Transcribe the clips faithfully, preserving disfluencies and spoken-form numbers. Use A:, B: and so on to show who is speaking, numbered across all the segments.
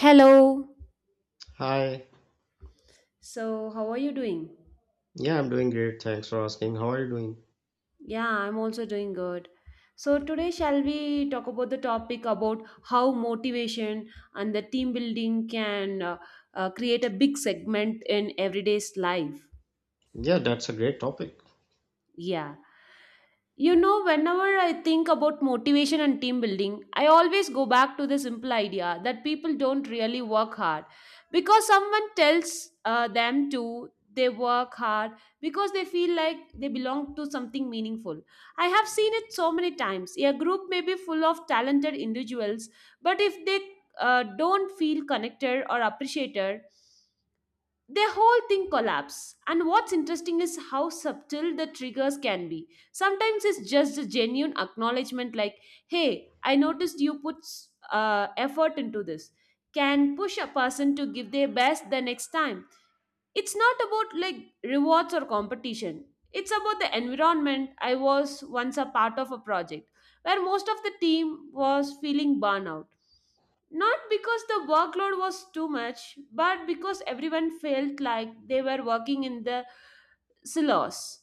A: Hello.
B: Hi.
A: So, how are you doing?
B: Yeah, I'm doing great. Thanks for asking. How are you doing?
A: Yeah, I'm also doing good. So, today shall we talk about the topic about how motivation and the team building can uh, uh, create a big segment in everyday's life?
B: Yeah, that's a great topic.
A: Yeah. You know, whenever I think about motivation and team building, I always go back to the simple idea that people don't really work hard because someone tells uh, them to. They work hard because they feel like they belong to something meaningful. I have seen it so many times. A group may be full of talented individuals, but if they uh, don't feel connected or appreciated, their whole thing collapse, and what's interesting is how subtle the triggers can be. Sometimes it's just a genuine acknowledgement, like, hey, I noticed you put uh, effort into this, can push a person to give their best the next time. It's not about like rewards or competition, it's about the environment. I was once a part of a project where most of the team was feeling burnout, not because the workload was too much, but because everyone felt like they were working in the silos.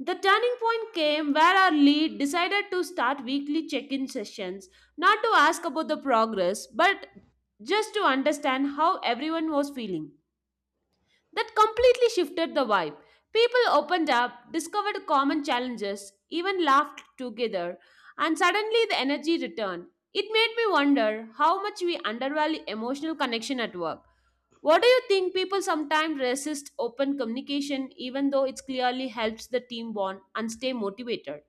A: The turning point came where our lead decided to start weekly check in sessions, not to ask about the progress, but just to understand how everyone was feeling. That completely shifted the vibe. People opened up, discovered common challenges, even laughed together, and suddenly the energy returned. It made me wonder how much we undervalue emotional connection at work. What do you think people sometimes resist open communication even though it clearly helps the team bond and stay motivated?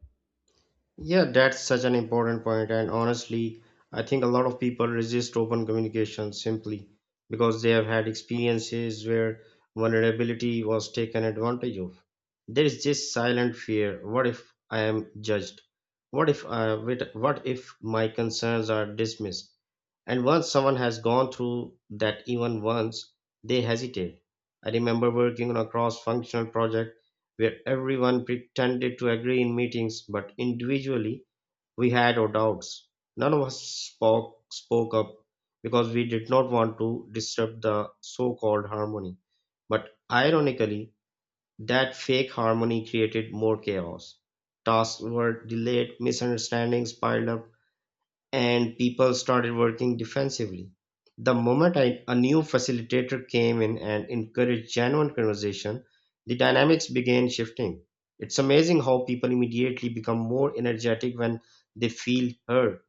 B: Yeah, that's such an important point, and honestly, I think a lot of people resist open communication simply because they have had experiences where vulnerability was taken advantage of. There is this silent fear, what if I am judged? What if, uh, with? What if my concerns are dismissed? And once someone has gone through that even once, they hesitate. I remember working on a cross functional project where everyone pretended to agree in meetings, but individually we had our doubts. None of us spoke, spoke up because we did not want to disturb the so called harmony. But ironically, that fake harmony created more chaos. Tasks were delayed, misunderstandings piled up, and people started working defensively. The moment I, a new facilitator came in and encouraged genuine conversation, the dynamics began shifting. It's amazing how people immediately become more energetic when they feel heard,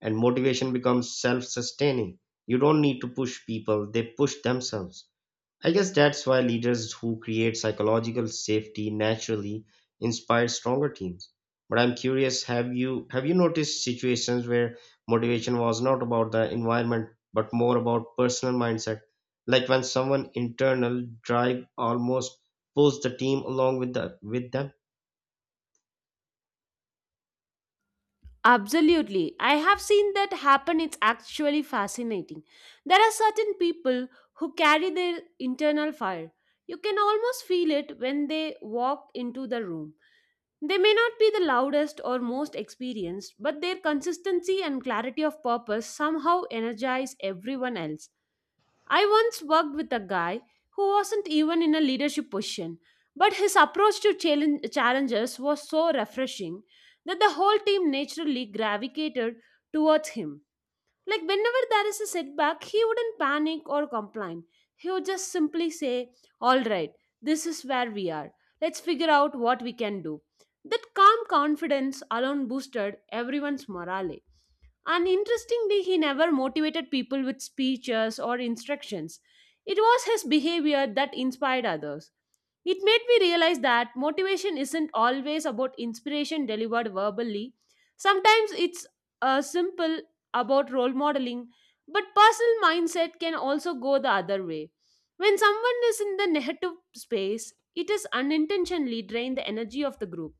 B: and motivation becomes self sustaining. You don't need to push people, they push themselves. I guess that's why leaders who create psychological safety naturally inspire stronger teams. But I'm curious, have you have you noticed situations where motivation was not about the environment but more about personal mindset? Like when someone internal drive almost pulls the team along with the with them?
A: Absolutely. I have seen that happen. It's actually fascinating. There are certain people who carry their internal fire. You can almost feel it when they walk into the room. They may not be the loudest or most experienced, but their consistency and clarity of purpose somehow energize everyone else. I once worked with a guy who wasn't even in a leadership position, but his approach to challenge, challenges was so refreshing that the whole team naturally gravitated towards him. Like, whenever there is a setback, he wouldn't panic or complain. He would just simply say, all right, this is where we are. Let's figure out what we can do. That calm confidence alone boosted everyone's morale. And interestingly, he never motivated people with speeches or instructions. It was his behavior that inspired others. It made me realize that motivation isn't always about inspiration delivered verbally. Sometimes it's uh, simple about role modeling, but personal mindset can also go the other way. When someone is in the negative space, it is unintentionally drain the energy of the group.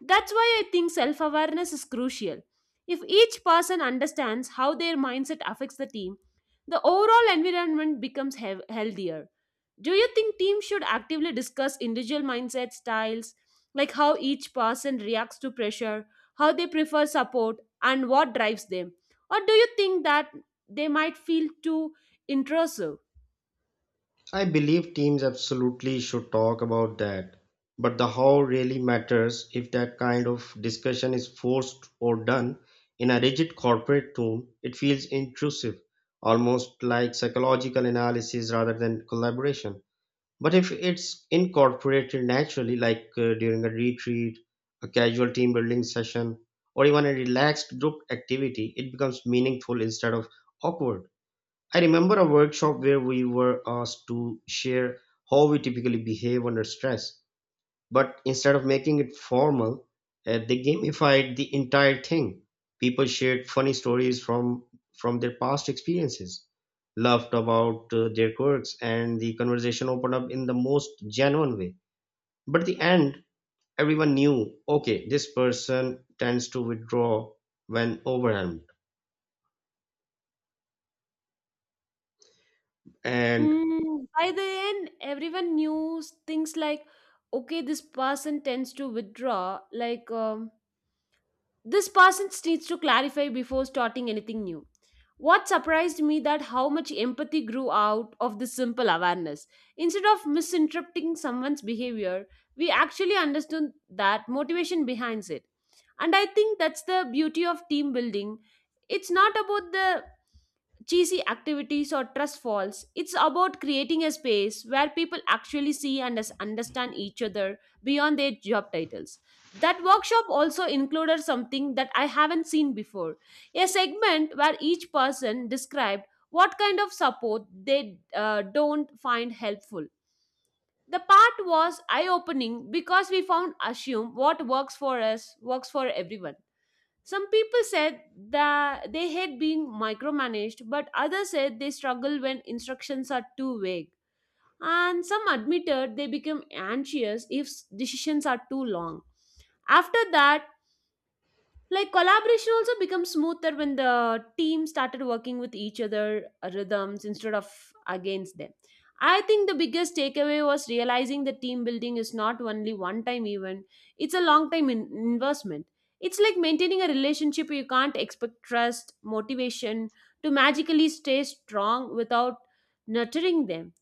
A: That's why I think self awareness is crucial. If each person understands how their mindset affects the team, the overall environment becomes hev- healthier. Do you think teams should actively discuss individual mindset styles, like how each person reacts to pressure, how they prefer support, and what drives them? Or do you think that they might feel too intrusive?
B: I believe teams absolutely should talk about that, but the how really matters if that kind of discussion is forced or done in a rigid corporate tone. It feels intrusive, almost like psychological analysis rather than collaboration. But if it's incorporated naturally, like uh, during a retreat, a casual team building session, or even a relaxed group activity, it becomes meaningful instead of awkward. I remember a workshop where we were asked to share how we typically behave under stress, but instead of making it formal, uh, they gamified the entire thing. People shared funny stories from from their past experiences, laughed about uh, their quirks, and the conversation opened up in the most genuine way. But at the end, everyone knew, okay, this person tends to withdraw when overwhelmed, and
A: Mm, by the end, everyone knew s- things like, okay, this person tends to withdraw. Like, um, this person s- needs to clarify before starting anything new. What surprised me that how much empathy grew out of this simple awareness. Instead of misinterpreting someone's behavior, we actually understood that motivation behind it. And I think that's the beauty of team building. It's not about the cheesy activities or trust falls. It's about creating a space where people actually see and us- understand each other beyond their job titles. That workshop also included something that I haven't seen before, a segment where each person described what kind of support they uh, don't find helpful. The part was eye opening because we found assume what works for us works for everyone. Some people said that they hate being micromanaged, but others said they struggle when instructions are too vague. And some admitted they become anxious if s- decisions are too long. After that, like collaboration also becomes smoother when the team started working with each other uh, rhythms instead of against them. I think the biggest takeaway was realizing that team building is not only one time event, it's a long time in- investment. It's like maintaining a relationship. You can't expect trust motivation to magically stay strong without nurturing them.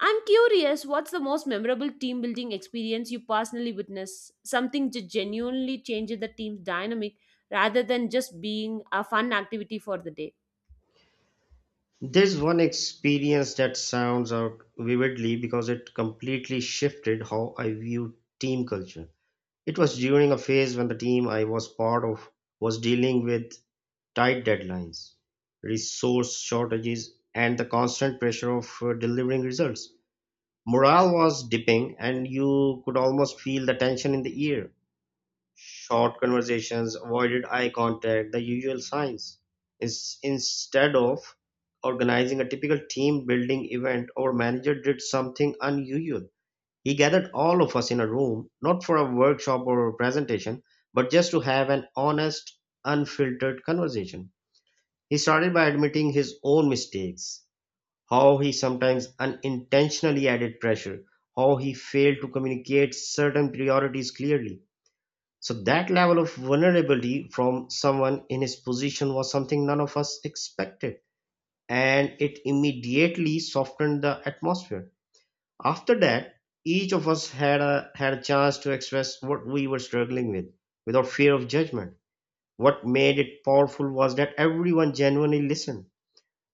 A: I'm curious, what's the most memorable team building experience you personally witnessed? Something that genuinely changed the team's dynamic rather than just being a fun activity for the day.
B: There's one experience that sounds out vividly because it completely shifted how I viewed team culture. It was during a phase when the team I was part of was dealing with tight deadlines, resource shortages, and the constant pressure of uh, delivering results. Morale was dipping, and you could almost feel the tension in the air. Short conversations avoided eye contact, the usual signs. Ins- Instead of organizing a typical team building event, our manager did something unusual. He gathered all of us in a room, not for a workshop or a presentation, but just to have an honest, unfiltered conversation. He started by admitting his own mistakes, how he sometimes unintentionally added pressure, how he failed to communicate certain priorities clearly, so that level of vulnerability from someone in his position was something none of us expected, and it immediately softened the atmosphere. After that, each of us had a had a chance to express what we were struggling with without fear of judgment. What made it powerful was that everyone genuinely listened.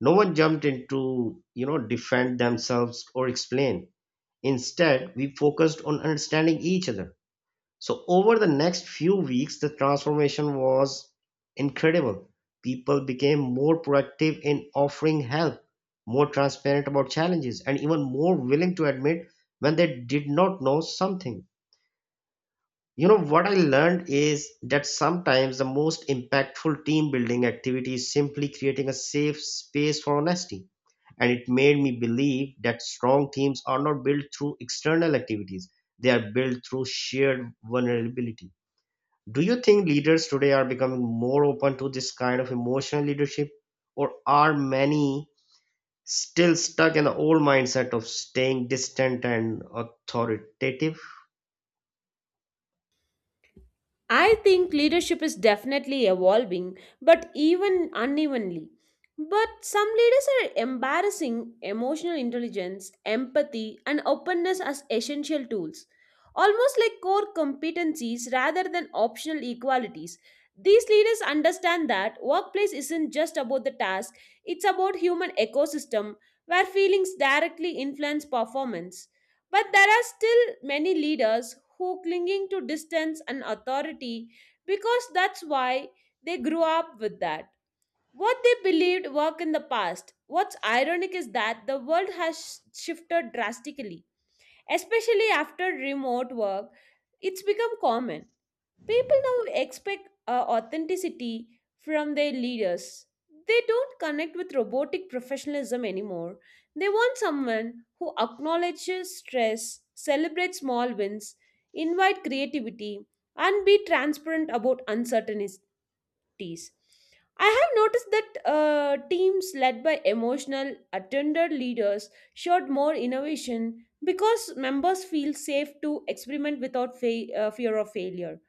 B: No one jumped in to, you know, defend themselves or explain. Instead, we focused on understanding each other, so over the next few weeks, the transformation was incredible. People became more proactive in offering help, more transparent about challenges, and even more willing to admit when they did not know something. You know what I learned is that sometimes the most impactful team building activity is simply creating a safe space for honesty. And it made me believe that strong teams are not built through external activities, they are built through shared vulnerability. Do you think leaders today are becoming more open to this kind of emotional leadership, or are many still stuck in the old mindset of staying distant and authoritative?
A: I think leadership is definitely evolving, but even unevenly. But some leaders are embarrassing emotional intelligence, empathy, and openness as essential tools, almost like core competencies rather than optional equalities. These leaders understand that workplace isn't just about the task, it's about human ecosystem where feelings directly influence performance. But there are still many leaders who clinging to distance and authority because that's why they grew up with that. What they believed worked in the past. What's ironic is that the world has shifted drastically, especially after remote work. It's become common. People now expect uh, authenticity from their leaders. They don't connect with robotic professionalism anymore. They want someone who acknowledges stress, celebrates small wins, invite creativity, and be transparent about uncertainties. I have noticed that uh, teams led by emotional, attender leaders showed more innovation because members feel safe to experiment without fa- uh, fear of failure.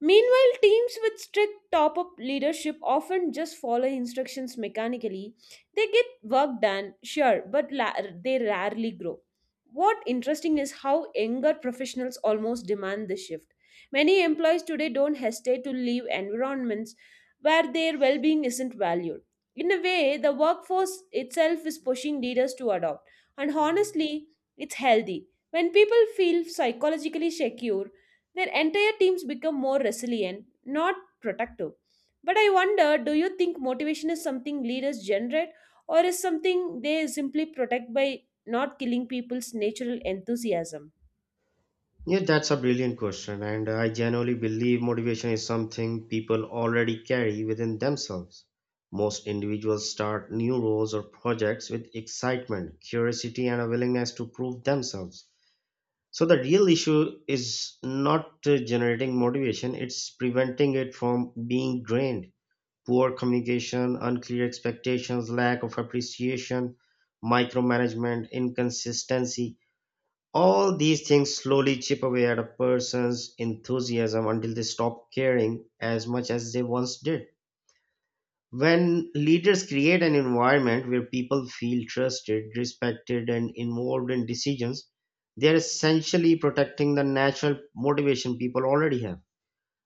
A: Meanwhile, teams with strict top up leadership often just follow instructions mechanically. They get work done, sure, but la- they rarely grow. What interesting is how younger professionals almost demand this shift. Many employees today don't hesitate to leave environments where their well being isn't valued. In a way, the workforce itself is pushing leaders to adopt, and honestly, it's healthy. When people feel psychologically secure, their entire teams become more resilient, not protective. But I wonder, do you think motivation is something leaders generate or is something they simply protect by not killing people's natural enthusiasm?
B: Yeah, that's a brilliant question, and I genuinely believe motivation is something people already carry within themselves. Most individuals start new roles or projects with excitement, curiosity, and a willingness to prove themselves. So the real issue is not uh, generating motivation, it's preventing it from being drained. Poor communication, unclear expectations, lack of appreciation, micromanagement, inconsistency. All these things slowly chip away at a person's enthusiasm until they stop caring as much as they once did. When leaders create an environment where people feel trusted, respected, and involved in decisions, they are essentially protecting the natural motivation people already have.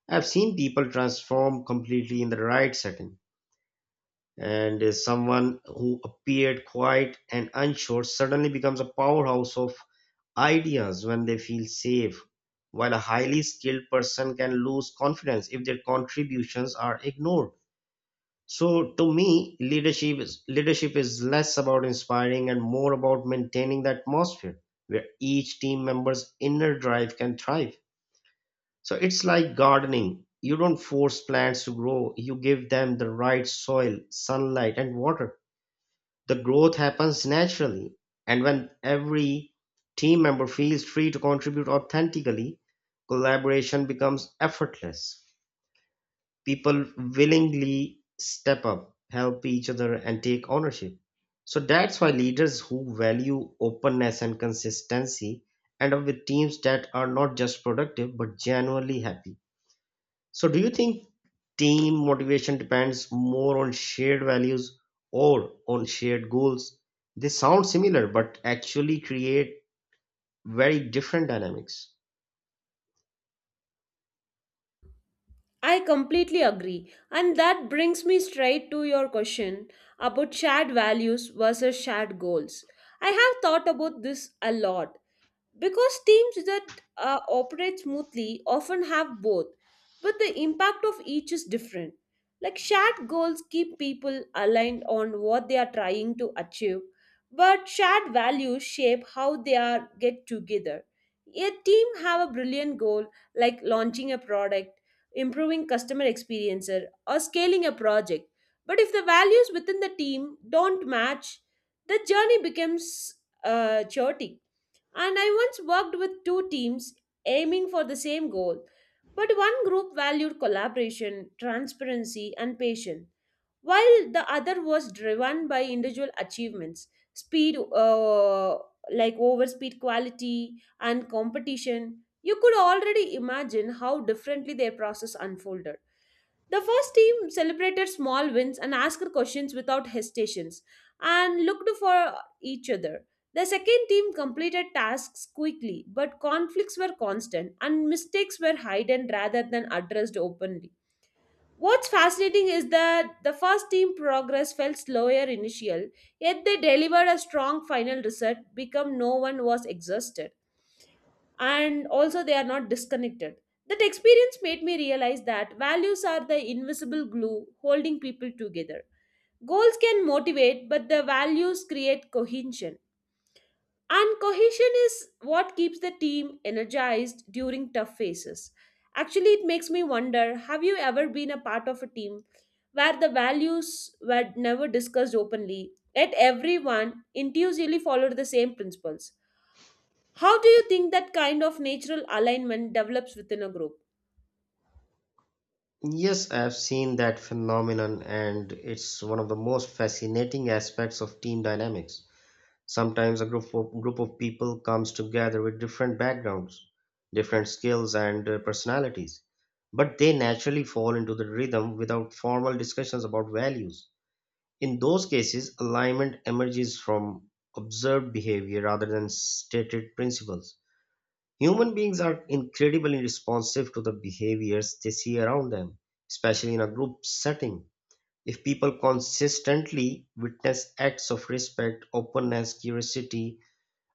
B: I've seen people transform completely in the right setting, and uh, someone who appeared quiet and unsure suddenly becomes a powerhouse of ideas when they feel safe, while a highly skilled person can lose confidence if their contributions are ignored. So to me, leadership is, leadership is less about inspiring and more about maintaining the atmosphere where each team member's inner drive can thrive. So it's like gardening. You don't force plants to grow, you give them the right soil, sunlight, and water. The growth happens naturally. And when every team member feels free to contribute authentically, collaboration becomes effortless, people willingly step up, help each other, and take ownership. So that's why leaders who value openness and consistency end up with teams that are not just productive but genuinely happy. So, do you think team motivation depends more on shared values or on shared goals? They sound similar but actually create very different dynamics.
A: I completely agree. And that brings me straight to your question about shared values versus shared goals. I have thought about this a lot, because teams that uh, operate smoothly often have both, but the impact of each is different. Like shared goals keep people aligned on what they are trying to achieve, but shared values shape how they are get together. A team have a brilliant goal like launching a product, improving customer experience, or scaling a project. But if the values within the team don't match, the journey becomes uh, chaotic. And I once worked with two teams aiming for the same goal, but one group valued collaboration, transparency, and patience, while the other was driven by individual achievements, speed, uh, like over speed quality, and competition. You could already imagine how differently their process unfolded. The first team celebrated small wins and asked questions without hesitations and looked for each other. The second team completed tasks quickly, but conflicts were constant and mistakes were hidden rather than addressed openly. What's fascinating is that the first team progress felt slower initial, yet they delivered a strong final result because no one was exhausted, and also they are not disconnected. That experience made me realize that values are the invisible glue holding people together. Goals can motivate, but the values create cohesion. And cohesion is what keeps the team energized during tough phases. Actually, it makes me wonder, have you ever been a part of a team where the values were never discussed openly, yet everyone intuitively followed the same principles? How do you think that kind of natural alignment develops within a group?
B: Yes, I've seen that phenomenon, and it's one of the most fascinating aspects of team dynamics. Sometimes a group of, group of people comes together with different backgrounds, different skills, and uh, personalities, but they naturally fall into the rhythm without formal discussions about values. In those cases, alignment emerges from observed behavior rather than stated principles. Human beings are incredibly responsive to the behaviors they see around them, especially in a group setting. If people consistently witness acts of respect, openness, curiosity,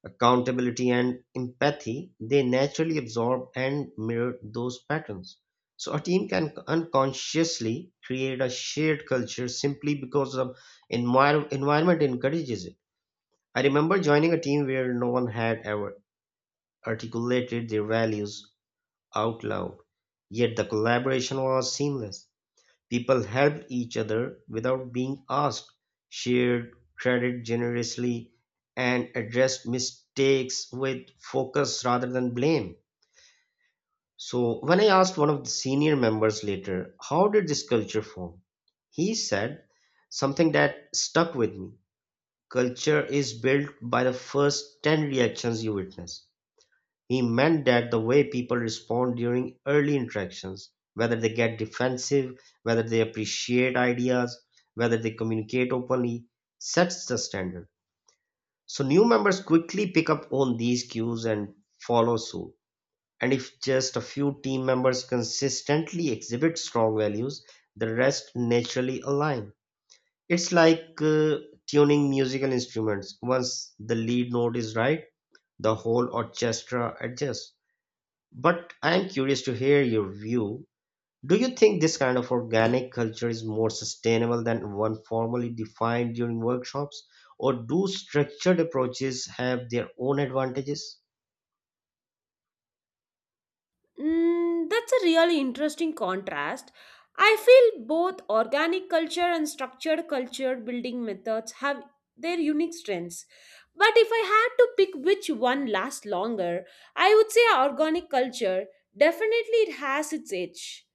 B: accountability, and empathy, they naturally absorb and mirror those patterns. So, a team can unconsciously create a shared culture simply because the envir- environment encourages it. I remember joining a team where no one had ever articulated their values out loud. Yet the collaboration was seamless. People helped each other without being asked, shared credit generously, and addressed mistakes with focus rather than blame. So, when I asked one of the senior members later, how did this culture form? He said something that stuck with me. Culture is built by the first ten reactions you witness. He meant that the way people respond during early interactions, whether they get defensive, whether they appreciate ideas, whether they communicate openly, sets the standard. So new members quickly pick up on these cues and follow suit. And if just a few team members consistently exhibit strong values, the rest naturally align. It's like uh, tuning musical instruments. Once the lead note is right, the whole orchestra adjusts. But I'm curious to hear your view. Do you think this kind of organic culture is more sustainable than one formally defined during workshops, or do structured approaches have their own advantages?
A: Mm, that's a really interesting contrast. I feel both organic culture and structured culture building methods have their unique strengths. But if I had to pick which one lasts longer, I would say organic culture. Definitely, it has its edge.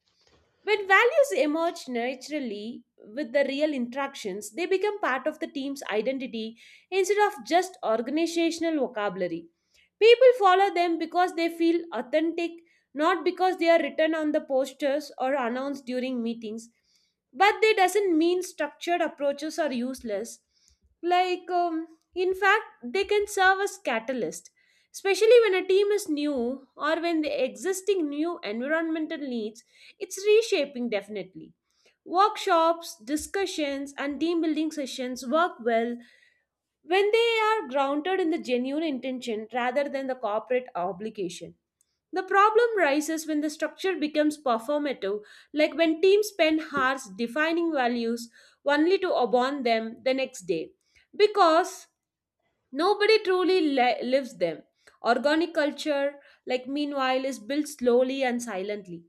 A: When values emerge naturally with the real interactions, they become part of the team's identity instead of just organizational vocabulary. People follow them because they feel authentic, not because they are written on the posters or announced during meetings. But they doesn't mean structured approaches are useless. Like, um, in fact they can serve as catalyst, especially when a team is new or when the existing new environmental needs it's reshaping. Definitely workshops, discussions and team building sessions work well when they are grounded in the genuine intention rather than the corporate obligation. The problem rises when the structure becomes performative, like when teams spend hours defining values only to abandon them the next day. Because nobody truly li- lives them. Organic culture, like, meanwhile, is built slowly and silently.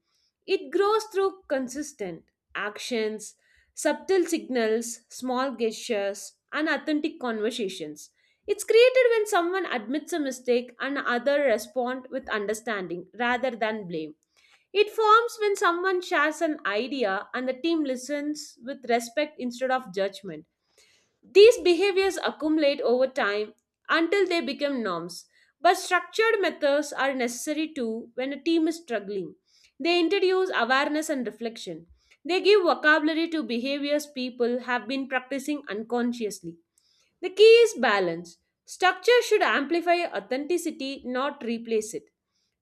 A: It grows through consistent actions, subtle signals, small gestures, and authentic conversations. It's created when someone admits a mistake and other respond with understanding rather than blame. It forms when someone shares an idea and the team listens with respect instead of judgment. These behaviors accumulate over time until they become norms. But structured methods are necessary too when a team is struggling. They introduce awareness and reflection. They give vocabulary to behaviors people have been practicing unconsciously. The key is balance. Structure should amplify authenticity, not replace it.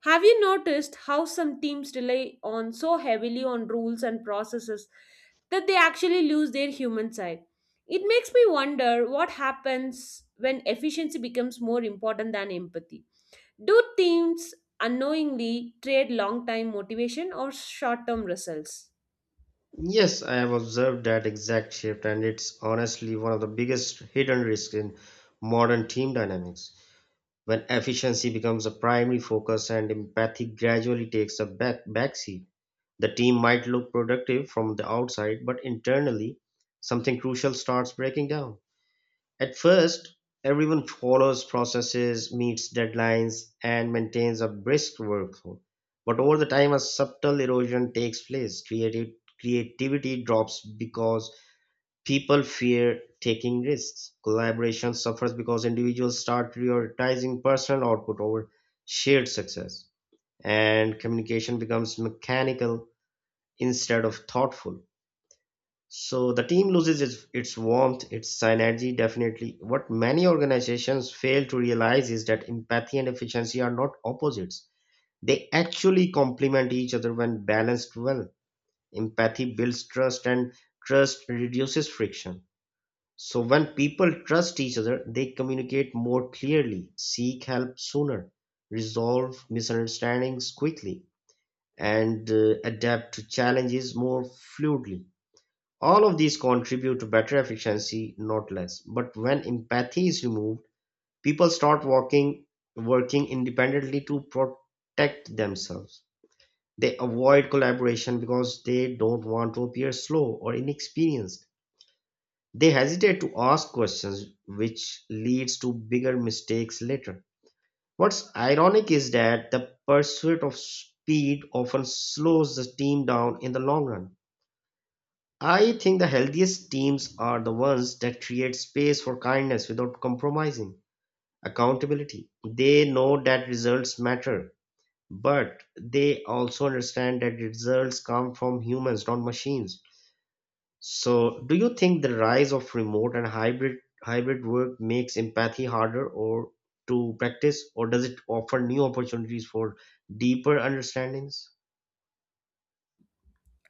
A: Have you noticed how some teams rely on so heavily on rules and processes that they actually lose their human side? It makes me wonder what happens when efficiency becomes more important than empathy. Do teams unknowingly trade long time motivation or short term results?
B: Yes, I have observed that exact shift, and it's honestly one of the biggest hidden risks in modern team dynamics. When efficiency becomes a primary focus and empathy gradually takes a back backseat. The team might look productive from the outside, but internally, something crucial starts breaking down. At first, everyone follows processes, meets deadlines, and maintains a brisk workflow. But over the time, a subtle erosion takes place. Creative, creativity drops because people fear taking risks. Collaboration suffers because individuals start prioritizing personal output over shared success. And communication becomes mechanical instead of thoughtful. So the team loses its, its warmth, its synergy, definitely. What many organizations fail to realize is that empathy and efficiency are not opposites. They actually complement each other when balanced well. Empathy builds trust and trust reduces friction. So when people trust each other, they communicate more clearly, seek help sooner, resolve misunderstandings quickly, and uh, adapt to challenges more fluidly. All of these contribute to better efficiency, not less. But when empathy is removed, people start working working independently to protect themselves. They avoid collaboration because they don't want to appear slow or inexperienced. They hesitate to ask questions, which leads to bigger mistakes later. What's ironic is that the pursuit of speed often slows the team down in the long run. I think the healthiest teams are the ones that create space for kindness without compromising accountability. They know that results matter, but they also understand that results come from humans, not machines. So, do you think the rise of remote and hybrid hybrid work makes empathy harder or to practice, or does it offer new opportunities for deeper understandings?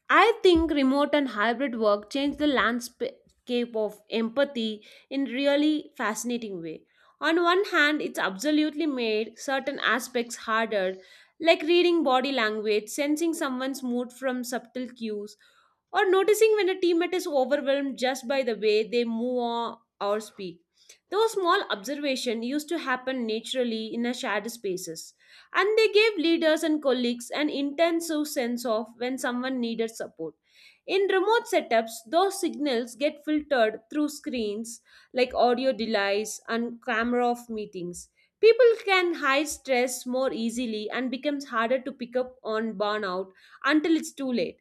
A: I think remote and hybrid work changed the landscape of empathy in really fascinating way. On one hand, it's absolutely made certain aspects harder, like reading body language, sensing someone's mood from subtle cues, or noticing when a teammate is overwhelmed just by the way they move on or speak. Those small observations used to happen naturally in a shared spaces, and they gave leaders and colleagues an intensive sense of when someone needed support. In remote setups, those signals get filtered through screens like audio delays and camera of meetings. People can hide stress more easily and becomes harder to pick up on burnout until it's too late.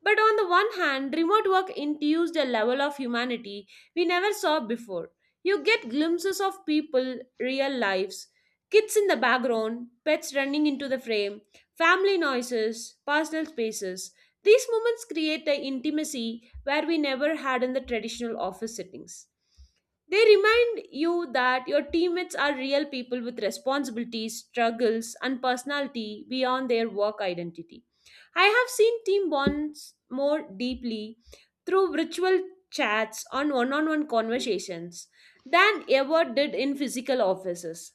A: But on the one hand, remote work infused a level of humanity we never saw before. You get glimpses of people, real lives, kids in the background, pets running into the frame, family noises, personal spaces. These moments create an intimacy where we never had in the traditional office settings. They remind you that your teammates are real people with responsibilities, struggles, and personality beyond their work identity. I have seen team bonds more deeply through virtual chats on one on one conversations than ever did in physical offices.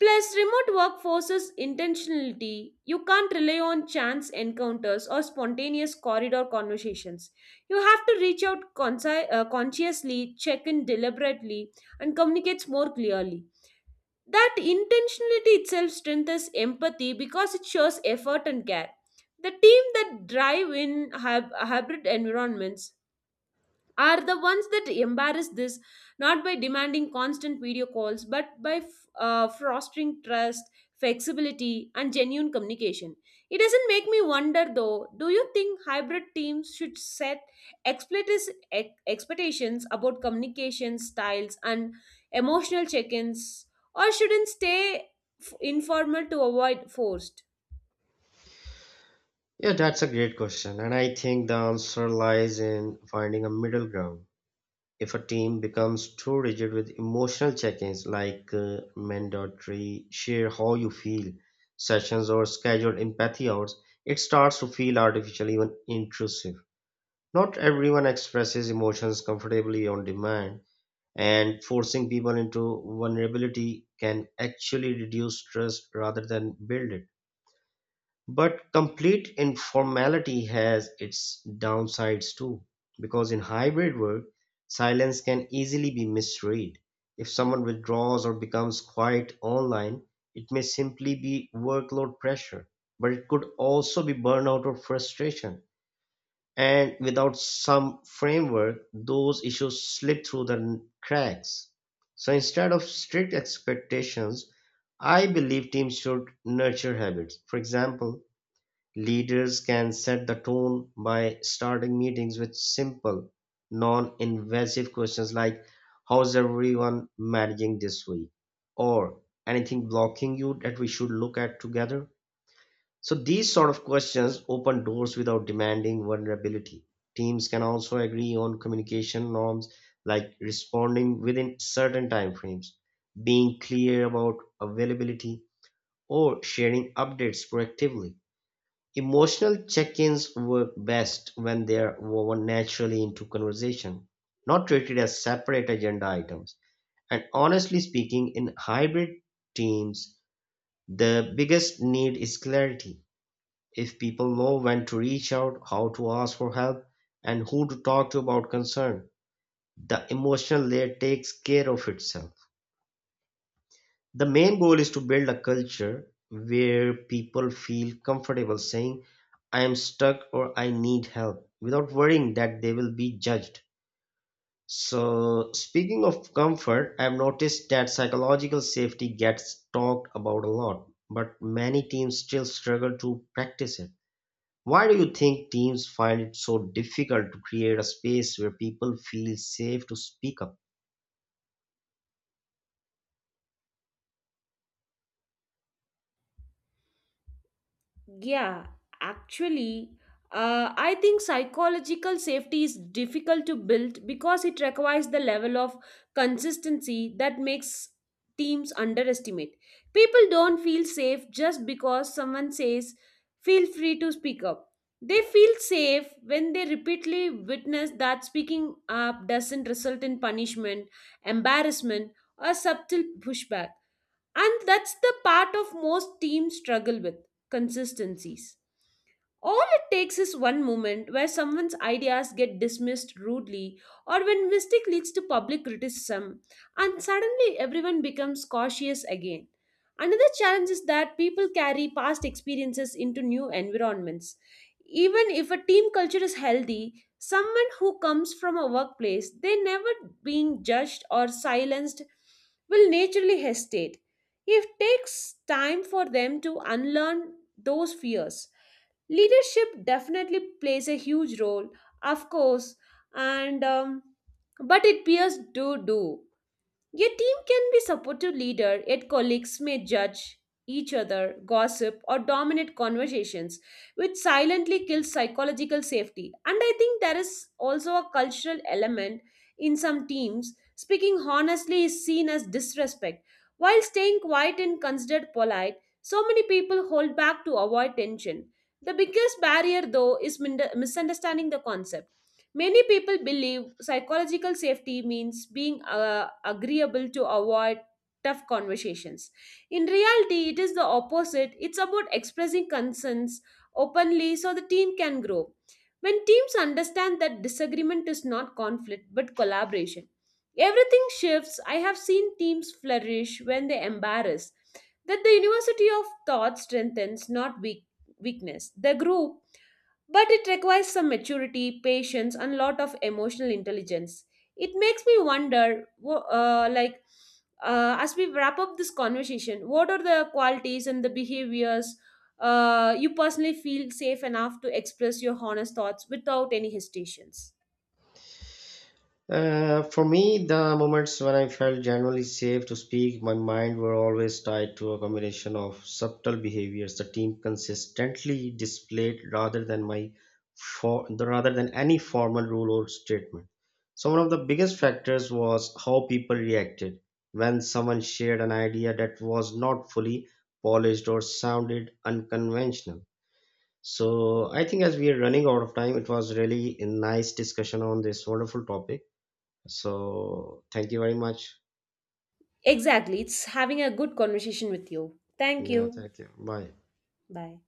A: Plus, remote work forces intentionality. You can't rely on chance encounters or spontaneous corridor conversations. You have to reach out consci- uh, consciously, check in deliberately, and communicate more clearly. That intentionality itself strengthens empathy because it shows effort and care. The team that drive in hyb- hybrid environments are the ones that embarrass this, not by demanding constant video calls but by f- uh, fostering trust, flexibility, and genuine communication. It doesn't make me wonder though, do you think hybrid teams should set explicit ex- expectations about communication styles and emotional check-ins, or shouldn't stay f- informal to avoid forced?
B: Yeah, that's a great question, and I think the answer lies in finding a middle ground. If a team becomes too rigid with emotional check-ins like uh, mandatory share how you feel sessions or scheduled empathy hours, it starts to feel artificial, even intrusive. Not everyone expresses emotions comfortably on demand, and forcing people into vulnerability can actually reduce trust rather than build it. But complete informality has its downsides too, because in hybrid work, silence can easily be misread. If someone withdraws or becomes quiet online, it may simply be workload pressure, but it could also be burnout or frustration. And without some framework, those issues slip through the cracks. So instead of strict expectations, I believe teams should nurture habits. For example, leaders can set the tone by starting meetings with simple, non-invasive questions like "How's everyone managing this week?" or "Anything blocking you that we should look at together?" So these sort of questions open doors without demanding vulnerability. Teams can also agree on communication norms like responding within certain timeframes, being clear about availability, or sharing updates proactively. Emotional check-ins work best when they are woven naturally into conversation, not treated as separate agenda items. And honestly speaking, in hybrid teams, the biggest need is clarity. If people know when to reach out, how to ask for help, and who to talk to about concern, the emotional layer takes care of itself. The main goal is to build a culture where people feel comfortable saying, I am stuck or I need help without worrying that they will be judged. So, speaking of comfort, I've noticed that psychological safety gets talked about a lot, but many teams still struggle to practice it. Why do you think teams find it so difficult to create a space where people feel safe to speak up?
A: Yeah, actually, uh, I think psychological safety is difficult to build because it requires the level of consistency that makes teams underestimate. People don't feel safe just because someone says, feel free to speak up. They feel safe when they repeatedly witness that speaking up doesn't result in punishment, embarrassment, or subtle pushback. And that's the part of most teams struggle with consistencies. All it takes is one moment where someone's ideas get dismissed rudely or when mistake leads to public criticism and suddenly everyone becomes cautious again. Another challenge is that people carry past experiences into new environments. Even if a team culture is healthy, someone who comes from a workplace they never being judged or silenced will naturally hesitate. It takes time for them to unlearn those fears. Leadership definitely plays a huge role, of course, and um, but it peers do do. Your team can be supportive leader, yet colleagues may judge each other, gossip, or dominate conversations, which silently kills psychological safety. And I think there is also a cultural element in some teams. Speaking honestly is seen as disrespect, while staying quiet and considered polite. So many people hold back to avoid tension. The biggest barrier, though, is min- misunderstanding the concept. Many people believe psychological safety means being uh, agreeable to avoid tough conversations. In reality, it is the opposite. It's about expressing concerns openly so the team can grow. When teams understand that disagreement is not conflict but collaboration, everything shifts. I have seen teams flourish when they embarrass, that the university of thought strengthens, not weak, weakness. The group but it requires some maturity, patience, and a lot of emotional intelligence. It makes me wonder, wo- uh, like, uh, as we wrap up this conversation, what are the qualities and the behaviors uh, you personally feel safe enough to express your honest thoughts without any hesitations?
B: Uh, for me, the moments when I felt genuinely safe to speak my mind were always tied to a combination of subtle behaviors the team consistently displayed rather than my for, rather than any formal rule or statement. So one of the biggest factors was how people reacted when someone shared an idea that was not fully polished or sounded unconventional. So I think as we are running out of time, it was really a nice discussion on this wonderful topic. So thank you very much.
A: Exactly. It's having a good conversation with you. Thank
B: Yeah,
A: you.
B: thank you. Bye.
A: Bye.